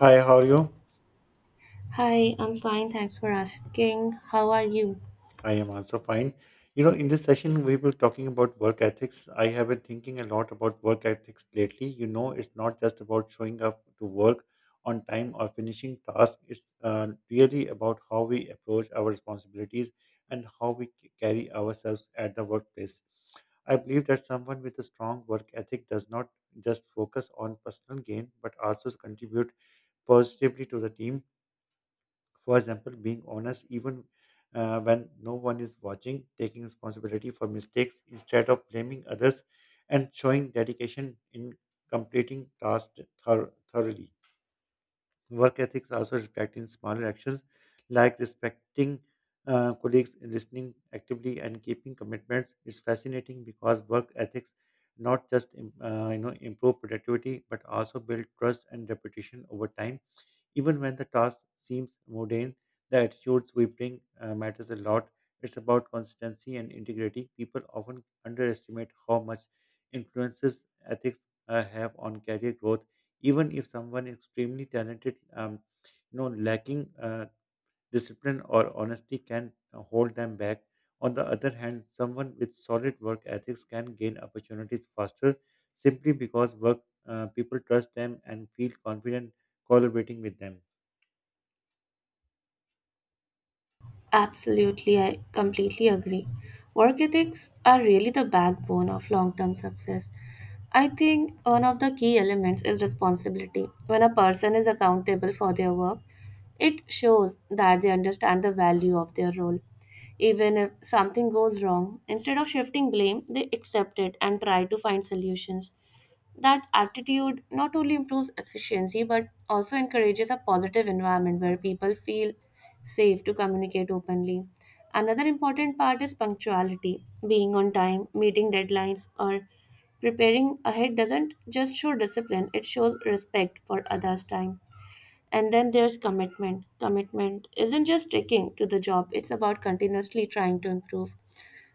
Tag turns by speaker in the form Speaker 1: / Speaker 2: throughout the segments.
Speaker 1: Hi, how are you?
Speaker 2: Hi, I'm fine. Thanks for asking. How are you?
Speaker 1: I am also fine. You know, in this session, we were talking about work ethics. I have been thinking a lot about work ethics lately. You know, it's not just about showing up to work on time or finishing tasks, it's really about how we approach our responsibilities and how carry ourselves at the workplace. I believe that someone with a strong work ethic does not just focus on personal gain, but also contribute positively to the team. For example, being honest even when no one is watching, taking responsibility for mistakes instead of blaming others, and showing dedication in completing tasks thoroughly. Work ethics also reflect in smaller actions like respecting colleagues, listening actively, and keeping commitments. It's fascinating because work ethics not just improve productivity but also build trust and reputation over time, even when the task seems mundane, the attitudes we bring matters a lot. It's about consistency and integrity. People often underestimate how much influences ethics have on career growth. Even if someone is extremely talented, lacking discipline or honesty can hold them back. On the other hand, someone with solid work ethics can gain opportunities faster simply because work people trust them and feel confident collaborating with them.
Speaker 2: Absolutely, I completely agree. Work ethics are really the backbone of long term success. I think one of the key elements is responsibility. When a person is accountable for their work, it shows that they understand the value of their role. Even if something goes wrong, instead of shifting blame, they accept it and try to find solutions. That attitude not only improves efficiency but also encourages a positive environment where people feel safe to communicate openly. Another important part is punctuality. Being on time, meeting deadlines, or preparing ahead doesn't just show discipline, it shows respect for others' time. And then there's commitment. Commitment isn't just sticking to the job, it's about continuously trying to improve,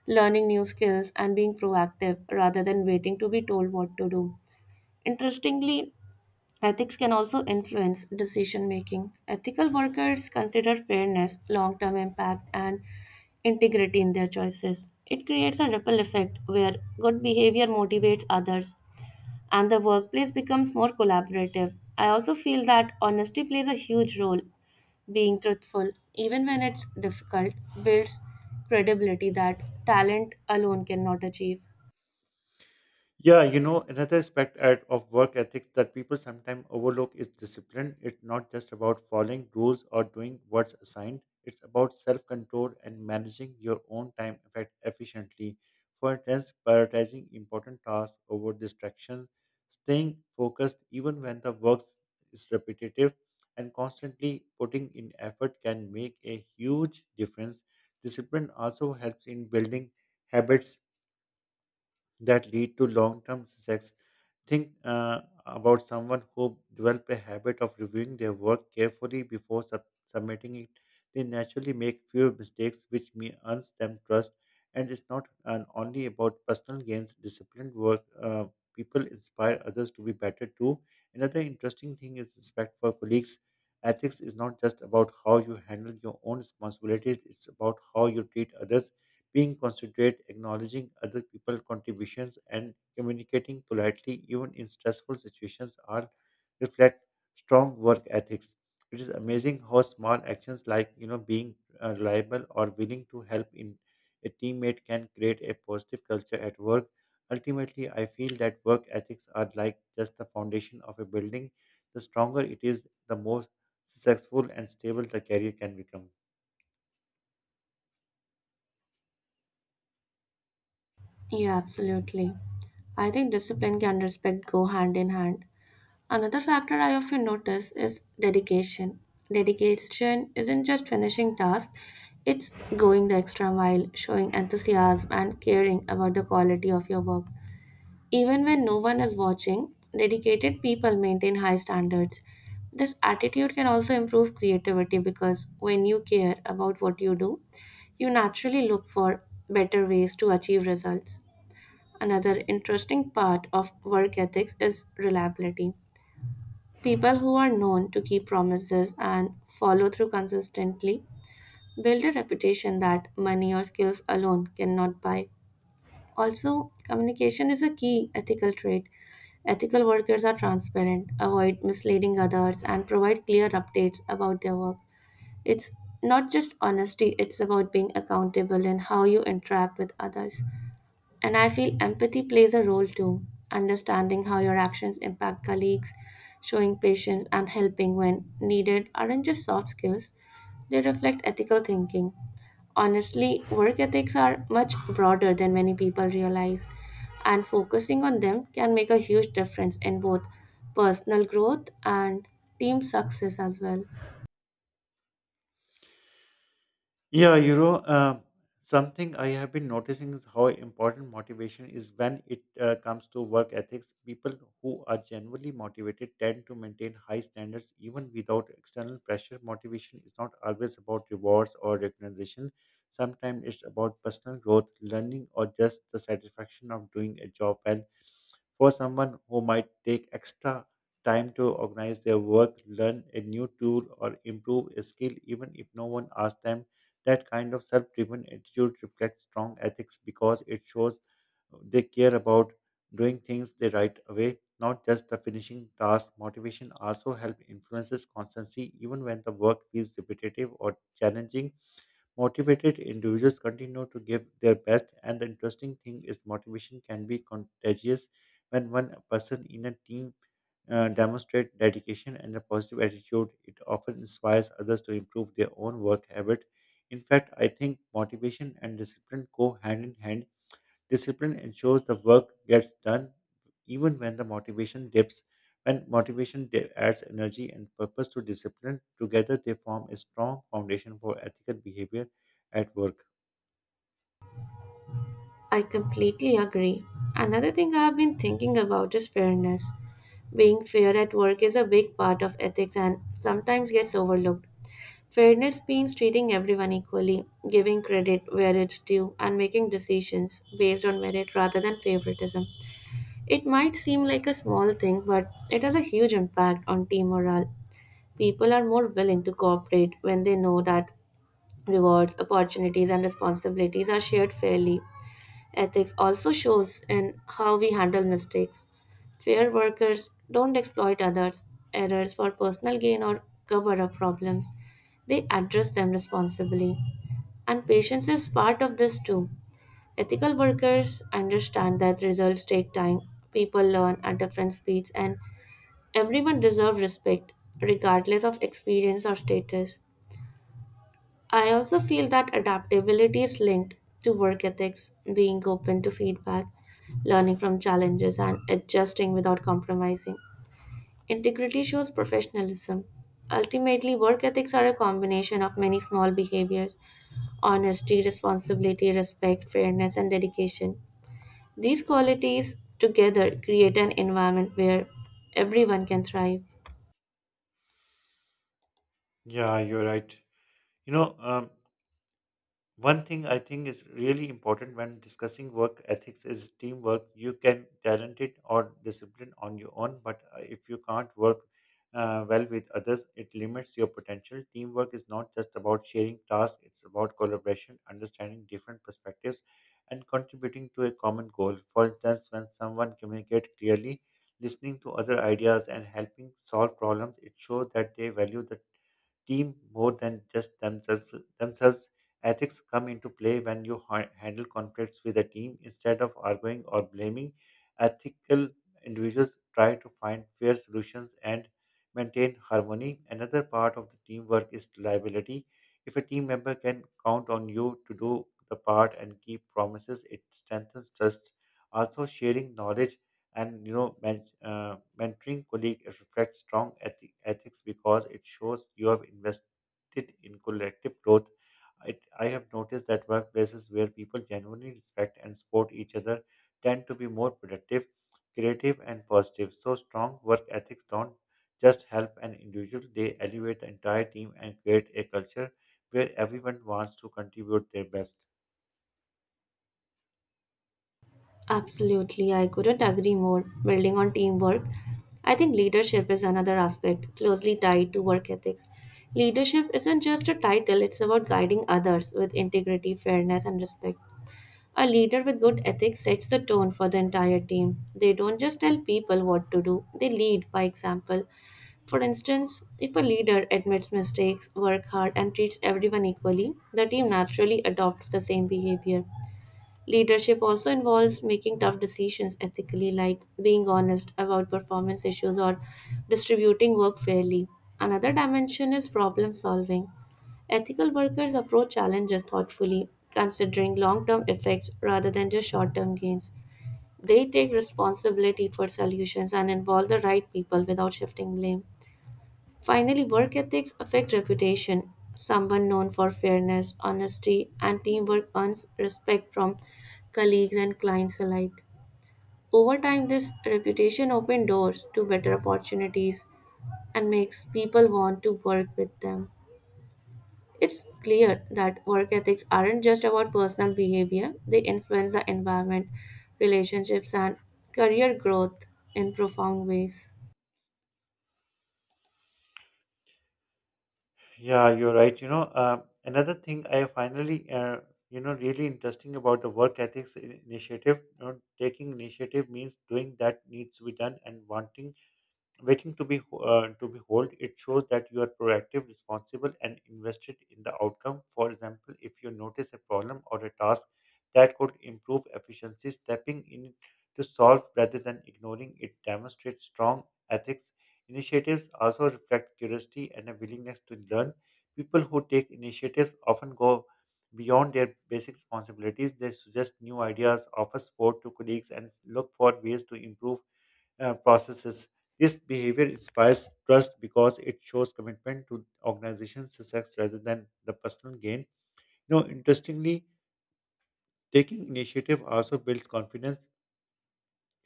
Speaker 2: learning new skills, and being proactive rather than waiting to be told what to do. Interestingly, ethics can also influence decision making. Ethical workers consider fairness, long term impact, and integrity in their choices. It creates a ripple effect where good behavior motivates others and the workplace becomes more collaborative. I also feel that honesty plays a huge role. Being truthful, even when it's difficult, builds credibility that talent alone cannot achieve.
Speaker 1: Yeah, you know, another of work ethics that people sometimes overlook is discipline. It's not just about following rules or doing what's assigned, it's about self control and managing your own time effect efficiently. For instance, prioritizing important tasks over distractions, staying focused even when the work is repetitive, and constantly putting in effort can make a huge difference. Discipline also helps in building habits that lead to long-term success. Think about someone who develop a habit of reviewing their work carefully before submitting it. They naturally make fewer mistakes, which may earns them trust. And it's not only about personal gains. Disciplined work people inspire others to be better too. Another interesting thing is respect for colleagues. Ethics is not just about how you handle your own responsibilities; it's about how you treat others, being considerate, acknowledging other people's contributions, and communicating politely, even in stressful situations, all reflect strong work ethics. It is amazing how small actions like, you know, being reliable or willing to help in a teammate can create a positive culture at work. Ultimately, I feel that work ethics are like just the foundation of a building. The stronger it is, the more successful and stable the career can become.
Speaker 2: Yeah, absolutely. I think discipline and respect go hand in hand. Another factor I often notice is dedication. Dedication isn't just finishing tasks, it's going the extra mile, showing enthusiasm and caring about the quality of your work. Even when no one is watching, dedicated people maintain high standards. This attitude can also improve creativity because when you care about what you do, you naturally look for better ways to achieve results. Another interesting part of work ethics is reliability. People who are known to keep promises and follow through consistently build a reputation that money or skills alone cannot buy. Also, communication is a key ethical trait. Ethical workers are transparent, avoid misleading others, and provide clear updates about their work. It's not just honesty, it's about being accountable in how you interact with others. And I feel empathy plays a role too, understanding how your actions impact colleagues, showing patience, and helping when needed aren't just soft skills, they reflect ethical thinking. Honestly, work ethics are much broader than many people realize, and focusing on them can make a huge difference in both personal growth and team success as well.
Speaker 1: Yeah, you know, something I have been noticing is how important motivation is when it comes to work ethics. People who are genuinely motivated tend to maintain high standards even without external pressure. Motivation is not always about rewards or recognition. Sometimes it's about personal growth, learning, or just the satisfaction of doing a job well. For someone who might take extra time to organize their work, learn a new tool, or improve a skill, even if no one asks them, that kind of self driven attitude reflects strong ethics because it shows they care about doing things the right way, not just the finishing task. Motivation also helps influences constancy even when the work feels repetitive or challenging. Motivated individuals continue to give their best, and the interesting thing is motivation can be contagious when one person in a team demonstrates dedication and a positive attitude. It often inspires others to improve their own work habit. In fact, I think motivation and discipline go hand in hand. Discipline ensures the work gets done even when the motivation dips. When adds energy and purpose to discipline, together they form a strong foundation for ethical behavior at work.
Speaker 2: I completely agree. Another thing I have been thinking about is fairness. Being fair at work is a big part of ethics and sometimes gets overlooked. Fairness means treating everyone equally, giving credit where it's due, and making decisions based on merit rather than favoritism. It might seem like a small thing, but it has a huge impact on team morale. People are more willing to cooperate when they know that rewards, opportunities, and responsibilities are shared fairly. Ethics also shows in how we handle mistakes. Fair workers don't exploit others' errors for personal gain or cover up problems. They address them responsibly. And patience is part of this too. Ethical workers understand that results take time, people learn at different speeds, and everyone deserves respect, regardless of experience or status. I also feel that adaptability is linked to work ethics, being open to feedback, learning from challenges, and adjusting without compromising. Integrity shows professionalism. Ultimately, work ethics are a combination of many small behaviors: honesty, responsibility, respect, fairness, and dedication. These qualities together create an environment where everyone can thrive.
Speaker 1: Yeah, you're right. You know, one thing I think is really important when discussing work ethics is teamwork. You can talented or disciplined on your own, but if you can't work well with others, it limits your potential. Teamwork is not just about sharing tasks; it's about collaboration, understanding different perspectives, and contributing to a common goal. For instance, when someone communicates clearly, listening to other ideas and helping solve problems, it shows that they value the team more than just themselves. Ethics come into play when handle conflicts with a team instead of arguing or blaming. Ethical individuals try to find fair solutions and maintain harmony. Another part of the teamwork is reliability. If a team member can count on you to do the part and keep promises, it strengthens trust. Also, sharing knowledge and, you know, mentoring colleague reflects strong ethics because it shows you have invested in collective growth. I have noticed that workplaces where people genuinely respect and support each other tend to be more productive, creative and positive, so strong work ethics don't just help an individual, they elevate the entire team and create a culture where everyone wants to contribute their best.
Speaker 2: Absolutely, I couldn't agree more. Building on teamwork, I think leadership is another aspect closely tied to work ethics. Leadership isn't just a title, it's about guiding others with integrity, fairness, and respect. A leader with good ethics sets the tone for the entire team. They don't just tell people what to do, they lead by example. For instance, if a leader admits mistakes, works hard, and treats everyone equally, the team naturally adopts the same behavior. Leadership also involves making tough decisions ethically, like being honest about performance issues or distributing work fairly. Another dimension is problem solving. Ethical workers approach challenges thoughtfully, considering long term effects rather than just short term gains. They take responsibility for solutions and involve the right people without shifting blame. Finally, work ethics affect reputation. Someone known for fairness, honesty, and teamwork earns respect from colleagues and clients alike. Over time, this reputation opens doors to better opportunities and makes people want to work with them. It's clear that work ethics aren't just about personal behavior, they influence the environment, relationships, and career growth in profound ways.
Speaker 1: Yeah, you're right. You know, another thing I finally, really interesting about the work ethics initiative. You know, taking initiative means doing that needs to be done and wanting waiting to be hold, it shows that you are proactive, responsible and invested in the outcome. For example, if you notice a problem or a task that could improve efficiency, stepping in to solve rather than ignoring it demonstrates strong ethics. Initiatives also reflect curiosity and a willingness to learn. People who take initiatives often go beyond their basic responsibilities, they suggest new ideas, offer support to colleagues and look for ways to improve processes. This behavior inspires trust because it shows commitment to organization success rather than the personal gain. You know, interestingly, taking initiative also builds confidence.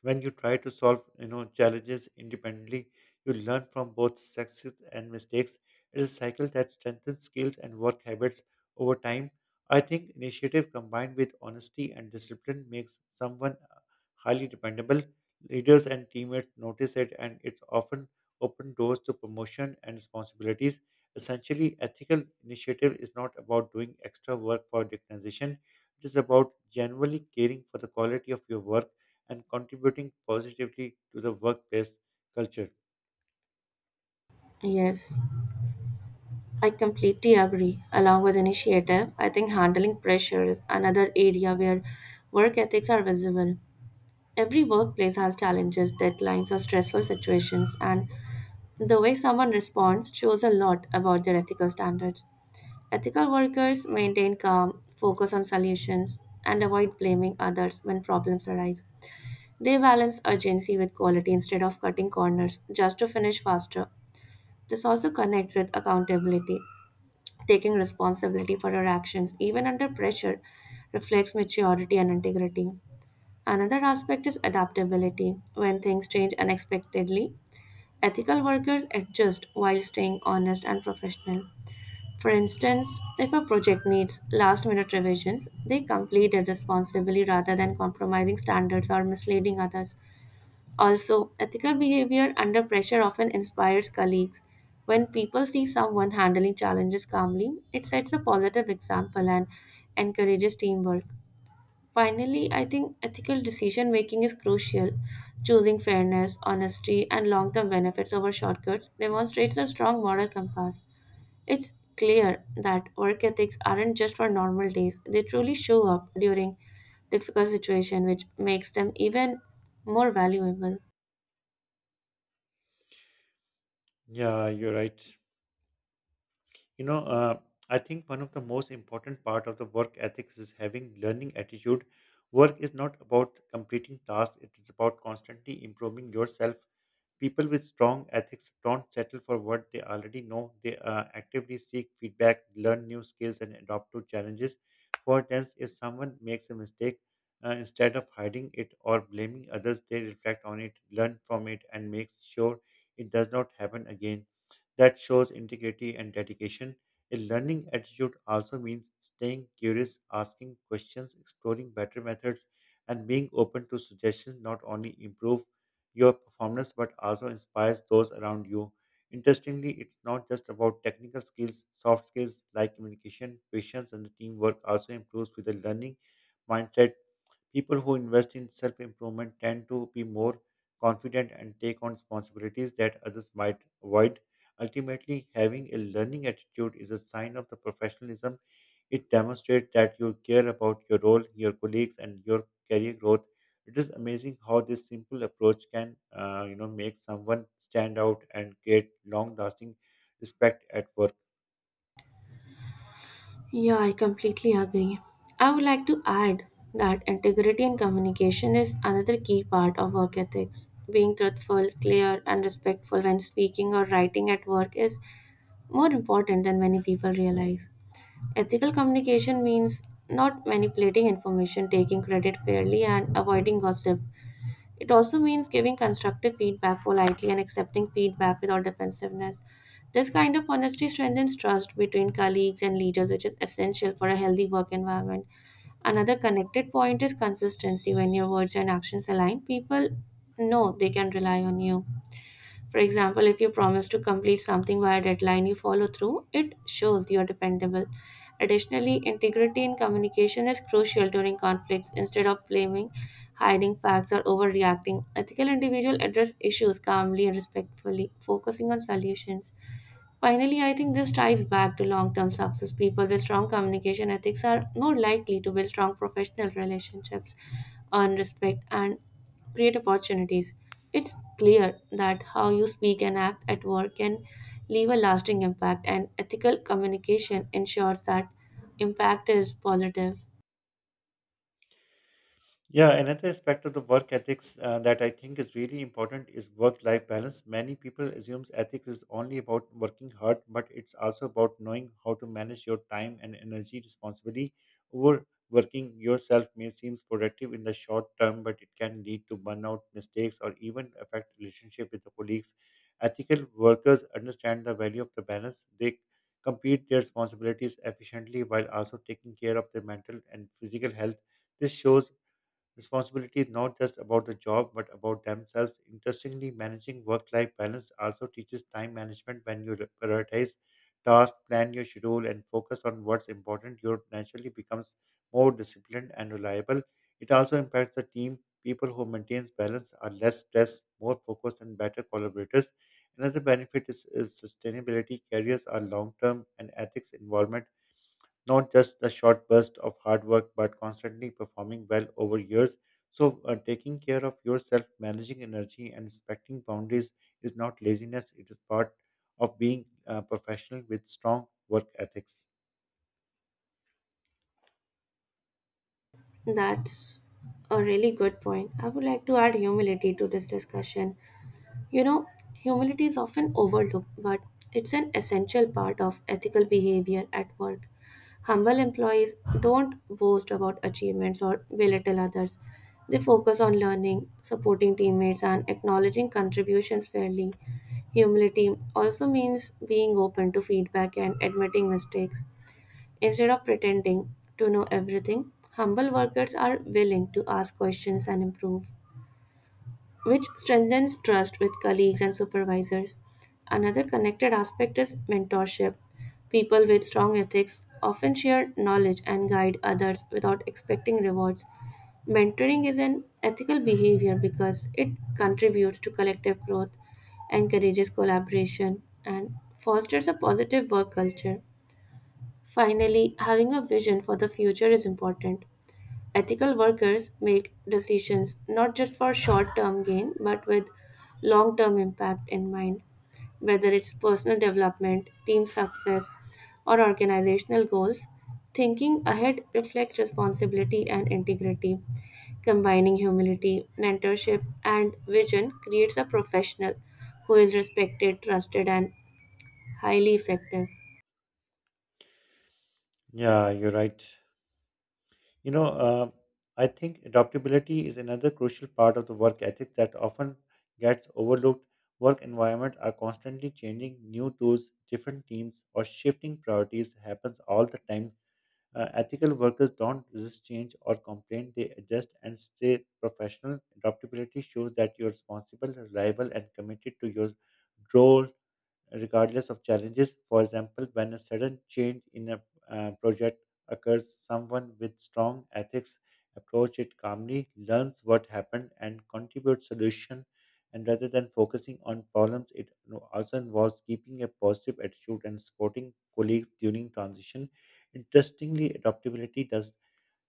Speaker 1: When you try to solve, you know, challenges independently, you learn from both success and mistakes. It's a cycle that strengthens skills and work habits over time. I think initiative combined with honesty and discipline makes someone highly dependable. Leaders and teammates notice it, and it's often open doors to promotion and responsibilities. Essentially, ethical initiative is not about doing extra work for recognition. It is about genuinely caring for the quality of your work and contributing positively to the workplace culture.
Speaker 2: Yes. I completely agree. Along with initiative, I think handling pressure is another area where work ethics are visible. Every workplace has challenges, deadlines, or stressful situations, and the way someone responds shows a lot about their ethical standards. Ethical workers maintain calm, focus on solutions, and avoid blaming others when problems arise. They balance urgency with quality instead of cutting corners just to finish faster. This also connects with accountability. Taking responsibility for your actions, even under pressure, reflects maturity and integrity. Another aspect is adaptability. When things change unexpectedly, ethical workers adjust while staying honest and professional. For instance, if a project needs last minute revisions, they complete it responsibly rather than compromising standards or misleading others. Also, ethical behavior under pressure often inspires colleagues. When people see someone handling challenges calmly, it sets a positive example and encourages teamwork. Finally, I think ethical decision making is crucial. Choosing fairness, honesty, and long term benefits over shortcuts demonstrates a strong moral compass. It's clear that work ethics aren't just for normal days, they truly show up during difficult situations, which makes them even more valuable.
Speaker 1: Yeah, you're right. You know, I think one of the most important part of the work ethics is having learning attitude. Work is not about completing tasks; it is about constantly improving yourself. People with strong ethics don't settle for what they already know. They actively seek feedback, learn new skills, and adapt to challenges. For instance, if someone makes a mistake, instead of hiding it or blaming others, they reflect on it, learn from it, and make sure it does not happen again. That shows integrity and dedication. A learning attitude also means staying curious, asking questions, exploring better methods, and being open to suggestions not only improve your performance but also inspires those around you. Interestingly, it's not just about technical skills, soft skills like communication, patience, and the teamwork also improves with the learning mindset. People who invest in self improvement tend to be more confident and take on responsibilities that others might avoid. Ultimately, having a learning attitude is a sign of the professionalism, it demonstrates that you care about your role, your colleagues, and your career growth. It is amazing how this simple approach can, make someone stand out and create long-lasting respect at work.
Speaker 2: Yeah, I completely agree. I would like to add that integrity in communication is another key part of work ethics. Being truthful, clear, and respectful when speaking or writing at work is more important than many people realize. Ethical communication means not manipulating information, taking credit fairly, and avoiding gossip. It also means giving constructive feedback politely and accepting feedback without defensiveness. This kind of honesty strengthens trust between colleagues and leaders, which is essential for a healthy work environment. Another connected point is consistency. When your words and actions align, people know they can rely on you. For example, if you promise to complete something by a deadline, you follow through, it shows you're dependable. Additionally, integrity in communication is crucial during conflicts. Instead of blaming, hiding facts, or overreacting, ethical individuals address issues calmly and respectfully, focusing on solutions. Finally, I think this ties back to long term success. People with strong communication ethics are more likely to build strong professional relationships, earn respect, and create opportunities. It's clear that how you speak and act at work can leave a lasting impact, and ethical communication ensures that impact is positive.
Speaker 1: Yeah, another aspect of the work ethics that I think is really important is work-life balance. Many people assumes ethics is only about working hard, but it's also about knowing how to manage your time and energy responsibly. Overworking yourself may seem productive in the short term, but it can lead to burnout, mistakes, or even affect relationship with the colleagues. Ethical workers understand the value of the balance. They complete their responsibilities efficiently while also taking care of their mental and physical health. This shows responsibility is not just about the job but about themselves. Interestingly, managing work life balance also teaches time management. When you prioritize tasks, plan your schedule, and focus on what's important, you naturally becomes more disciplined and reliable. It also impacts the team. People who maintain balance are less stressed, more focused, and better collaborators. Another benefit is sustainability. Careers are long term and ethics involvement not just a short burst of hard work, but constantly performing well over years. So, taking care of yourself, managing energy, and respecting boundaries is not laziness, it is part of being a professional with strong work ethics.
Speaker 2: That's a really good point. I would like to add humility to this discussion. You know, Humility is often overlooked, but it's an essential part of ethical behavior at work. Humble employees don't boast about achievements or belittle others. They focus on learning, supporting teammates, and acknowledging contributions fairly. Humility also means being open to feedback and admitting mistakes. Instead of pretending to know everything, humble workers are willing to ask questions and improve, which strengthens trust with colleagues and supervisors. Another connected aspect is mentorship. People with strong ethics often share knowledge and guide others without expecting rewards. Mentoring is an ethical behavior because it contributes to collective growth, encourages collaboration, and fosters a positive work culture. Finally, having a vision for the future is important. Ethical workers make decisions not just for short term gain but with long term impact in mind, whether it's personal development, team success, or organizational goals. Thinking ahead reflects responsibility and integrity. Combining humility, mentorship, and vision creates a professional who is respected, trusted, and highly effective.
Speaker 1: Yeah, you're right. You know, I think adaptability is another crucial part of the work ethic that often gets overlooked. Work environments are constantly changing. New tools, different teams, or shifting priorities happens all the time. Ethical workers don't resist change or complain, they adjust and stay professional. Adaptability shows that you're responsible, reliable, and committed to your role regardless of challenges. For example, when a sudden change in a project occurs, someone with strong ethics approach it calmly, learns what happened, and contributes solution. And rather than focusing on problems, it no- also involves keeping a positive attitude and supporting colleagues during transition. Interestingly, adaptability does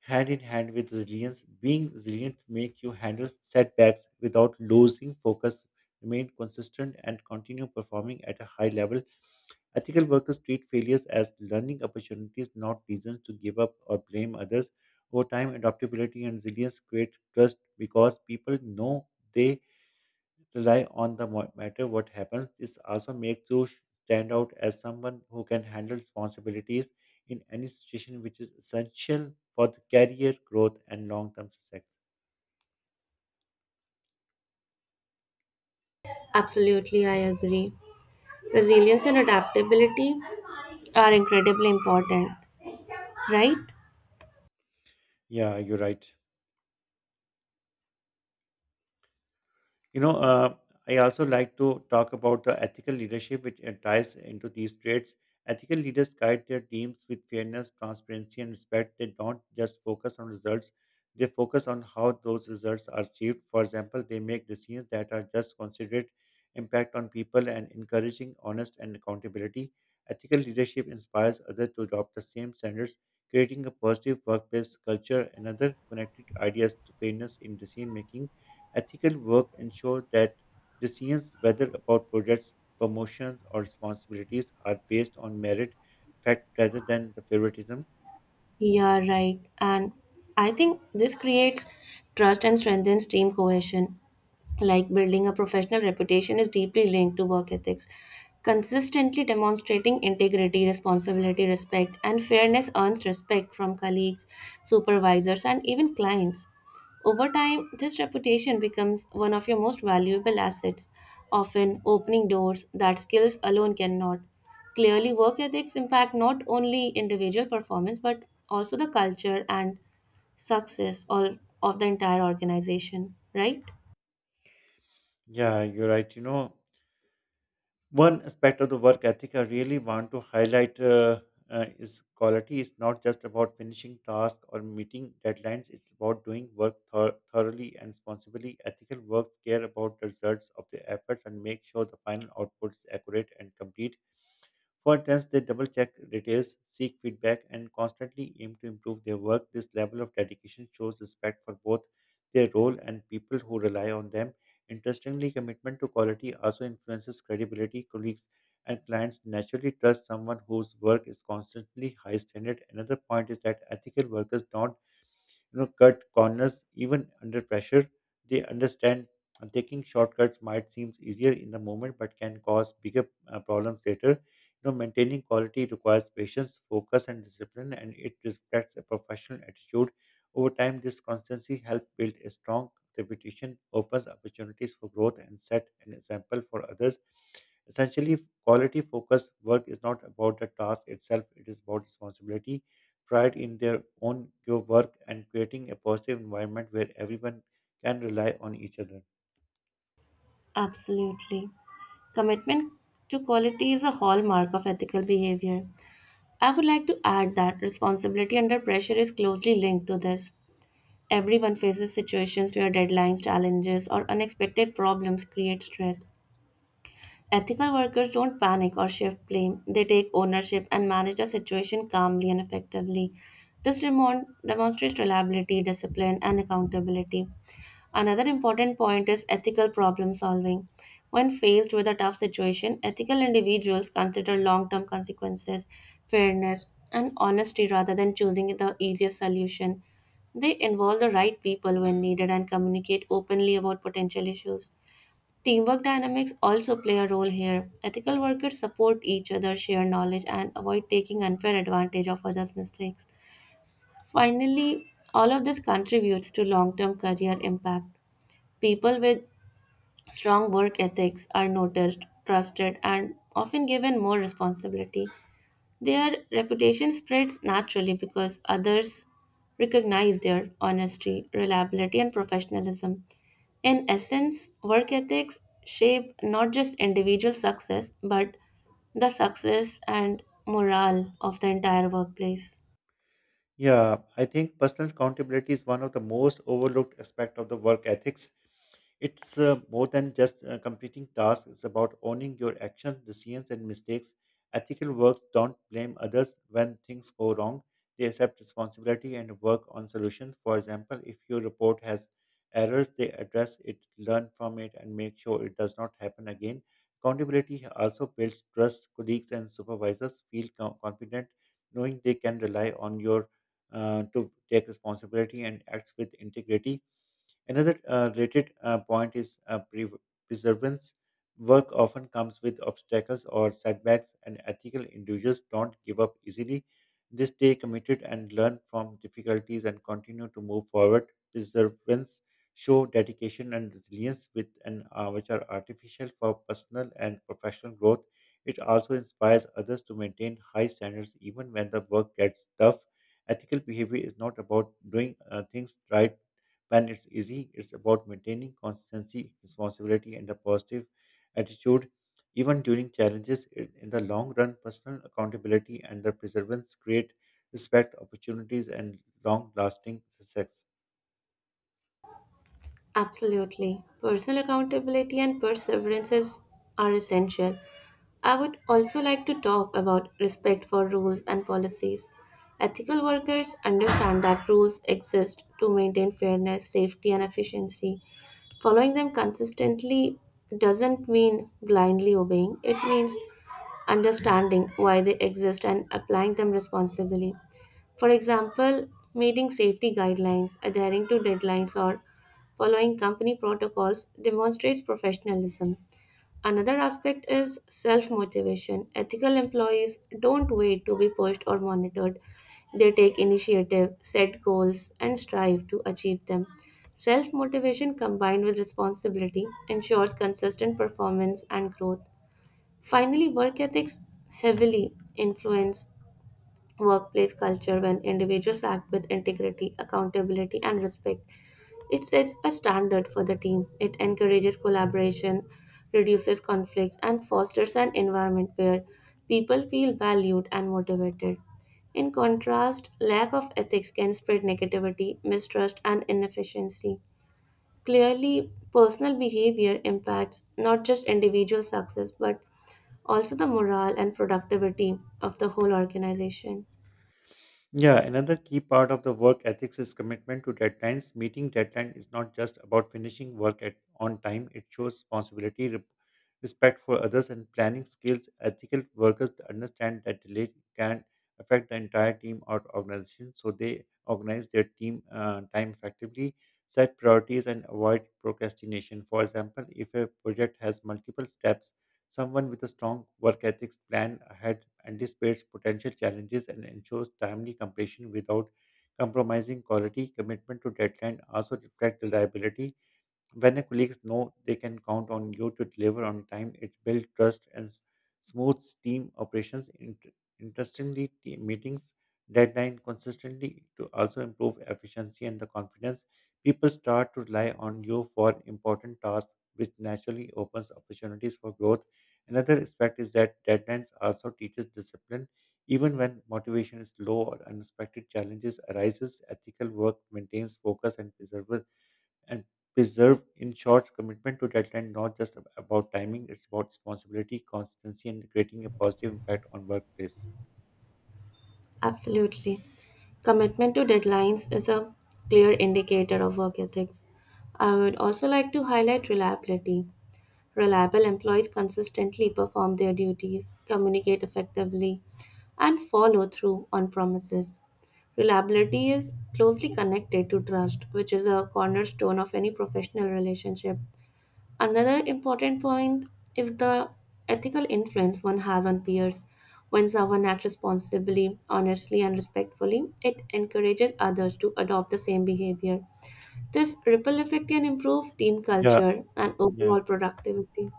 Speaker 1: hand in hand with resilience. Being resilient make you handle setbacks without losing focus, remain consistent, and continue performing at a high level. Ethical workers treat failures as learning opportunities, not reasons to give up or blame others. Over time, adaptability and resilience create trust because people know they rely on matter what happens. This also makes you stand out as someone who can handle responsibilities in any situation, which is essential for the career growth and long term success.
Speaker 2: Absolutely, I agree. Resilience and adaptability are incredibly important, right?
Speaker 1: Yeah, you're right. You know, uh, I also like to talk about the ethical leadership, which ties into these traits. Ethical leaders guide their teams with fairness, transparency, and respect. They don't just focus on results, they focus on how those results are achieved. For example, they make decisions that are just considerate, impact on people, and encouraging honest and accountability. Ethical leadership inspires others to adopt the same standards, creating a positive workplace culture. Another connected ideas to fairness in decision making. Ethical work ensures that decisions, whether about projects, promotions, or responsibilities, are based on merit, effect, rather than the favoritism.
Speaker 2: Yeah, right. And I think this creates trust and strengthens team cohesion. Like building a professional reputation is deeply linked to work ethics. Consistently demonstrating integrity, responsibility, respect, and fairness earns respect from colleagues, supervisors, and even clients. Over time, this reputation becomes one of your most valuable assets, often opening doors that skills alone cannot. Clearly, work ethics impact not only individual performance but also the culture and success all of the entire organization, right?
Speaker 1: Yeah, you're right. One aspect of the work ethic I really want to highlight is quality. It's not just about finishing tasks or meeting deadlines. It's about doing work thoroughly and responsibly. Ethical works care about the results of the efforts and make sure the final output is accurate and complete. For tenants, they double check details, seek feedback, and constantly aim to improve their work. This level of dedication shows respect for both their role and people who rely on them. Interestingly, commitment to quality also influences credibility. Colleagues and clients naturally trust someone whose work is constantly high standard. Another point is that ethical workers don't cut corners even under pressure. They understand taking shortcuts might seem easier in the moment but can cause bigger problems later. Maintaining quality requires patience, focus, and discipline, and it reflects a professional attitude. Over time, this constancy helps build a strong reputation, opens opportunities for growth, and set an example for others. Essentially, quality focused work is not about the task itself, it is about responsibility, pride in their own your work, and creating a positive environment where everyone can rely on each other.
Speaker 2: Absolutely. Commitment to quality is a hallmark of ethical behavior. I would like to add that responsibility under pressure is closely linked to this. Everyone faces situations where deadlines, challenges, or unexpected problems create stress. Ethical workers don't panic or shift blame, they take ownership and manage the situation calmly and effectively. This demonstrates reliability, discipline, and accountability. Another important point is ethical problem solving. When faced with a tough situation, ethical individuals consider long term consequences, fairness, and honesty rather than choosing the easiest solution. They involve the right people when needed and communicate openly about potential issues. Teamwork dynamics also play a role here. Ethical workers support each other, share knowledge, and avoid taking unfair advantage of others' mistakes. Finally, all of this contributes to long term career impact. People with strong work ethics are noticed, trusted, and often given more responsibility. Their reputation spreads naturally because others recognize their honesty, reliability, and professionalism. In essence, work ethics shape not just individual success but the success and morale of the entire workplace.
Speaker 1: Yeah, I think personal accountability is one of the most overlooked aspect of the work ethics. It's more than just completing tasks. It's about owning your actions, decisions, and mistakes. Ethical works don't blame others when things go wrong. They accept responsibility and work on solutions. For example, if your report has errors, they address it, learn from it, and make sure it does not happen again. Accountability also builds trust. Colleagues and supervisors feel confident knowing they can rely on your to take responsibility and acts with integrity. Another related point is perseverance. Work often comes with obstacles or setbacks, and ethical individuals don't give up easily. They stay committed and learn from difficulties and continue to move forward. Perseverance show dedication and resilience, which are artificial for personal and professional growth. It also inspires others to maintain high standards even when the work gets tough. Ethical behavior is not about doing things right when it's easy, it's about maintaining consistency, responsibility, and a positive attitude. Even during challenges, in the long run, personal accountability and the perseverance create respect, opportunities, and long lasting success.
Speaker 2: Absolutely. Personal accountability and perseverance are essential. I would also like to talk about respect for rules and policies. Ethical workers understand that rules exist to maintain fairness, safety, and efficiency. Following them consistently doesn't mean blindly obeying, it means understanding why they exist and applying them responsibly. For example, meeting safety guidelines, adhering to deadlines, or following company protocols demonstrates professionalism. Another aspect is self motivation. Ethical employees don't wait to be pushed or monitored, they take initiative, set goals, and strive to achieve them. Self motivation combined with responsibility ensures consistent performance and growth. Finally, work ethics heavily influence workplace culture. When individuals act with integrity, accountability, and respect, it sets a standard for the team. It encourages collaboration, reduces conflicts, and fosters an environment where people feel valued and motivated. In contrast, lack of ethics can spread negativity, mistrust, and inefficiency. Clearly, personal behavior impacts not just individual success but also the morale and productivity of the whole organization.
Speaker 1: Yeah, another key part of the work ethics is commitment to deadlines. Meeting deadline is not just about finishing work at on time. It shows responsibility, respect for others, and planning skills. Ethical workers understand that delay can affect the entire team or organization, so they organize their team time effectively, set priorities, and avoid procrastination. For example, if a project has multiple steps, someone with a strong work ethics plan ahead anticipates potential challenges and ensures timely completion without compromising quality. Commitment to deadline also reflects reliability. When the colleagues know they can count on you to deliver on time, it builds trust and smooths team operations. Interestingly, team meetings deadline consistently to also improve efficiency and the confidence. People start to rely on you for important tasks, which naturally opens opportunities for growth. Another aspect is that deadlines also teaches discipline. Even when motivation is low or unexpected challenges arises, ethical work maintains focus and preserves and preserve. In short, commitment to deadline not just about timing, it's about responsibility, consistency, and creating a positive impact on workplace.
Speaker 2: Absolutely. Commitment to deadlines is a clear indicator of work ethics. I would also like to highlight reliability. Reliable employees consistently perform their duties, communicate effectively, and follow through on promises. Reliability is closely connected to trust, which is a cornerstone of any professional relationship. Another important point is the ethical influence one has on peers. When someone acts responsibly, honestly, and respectfully, it encourages others to adopt the same behavior. This ripple effect can improve team
Speaker 1: Yeah,
Speaker 2: culture and
Speaker 1: yeah,
Speaker 2: overall productivity.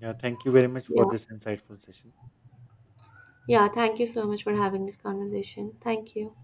Speaker 1: yeah, thank you very much
Speaker 2: Yeah.
Speaker 1: for this insightful session.
Speaker 2: Yeah. Thank you so much for having this conversation. Thank you.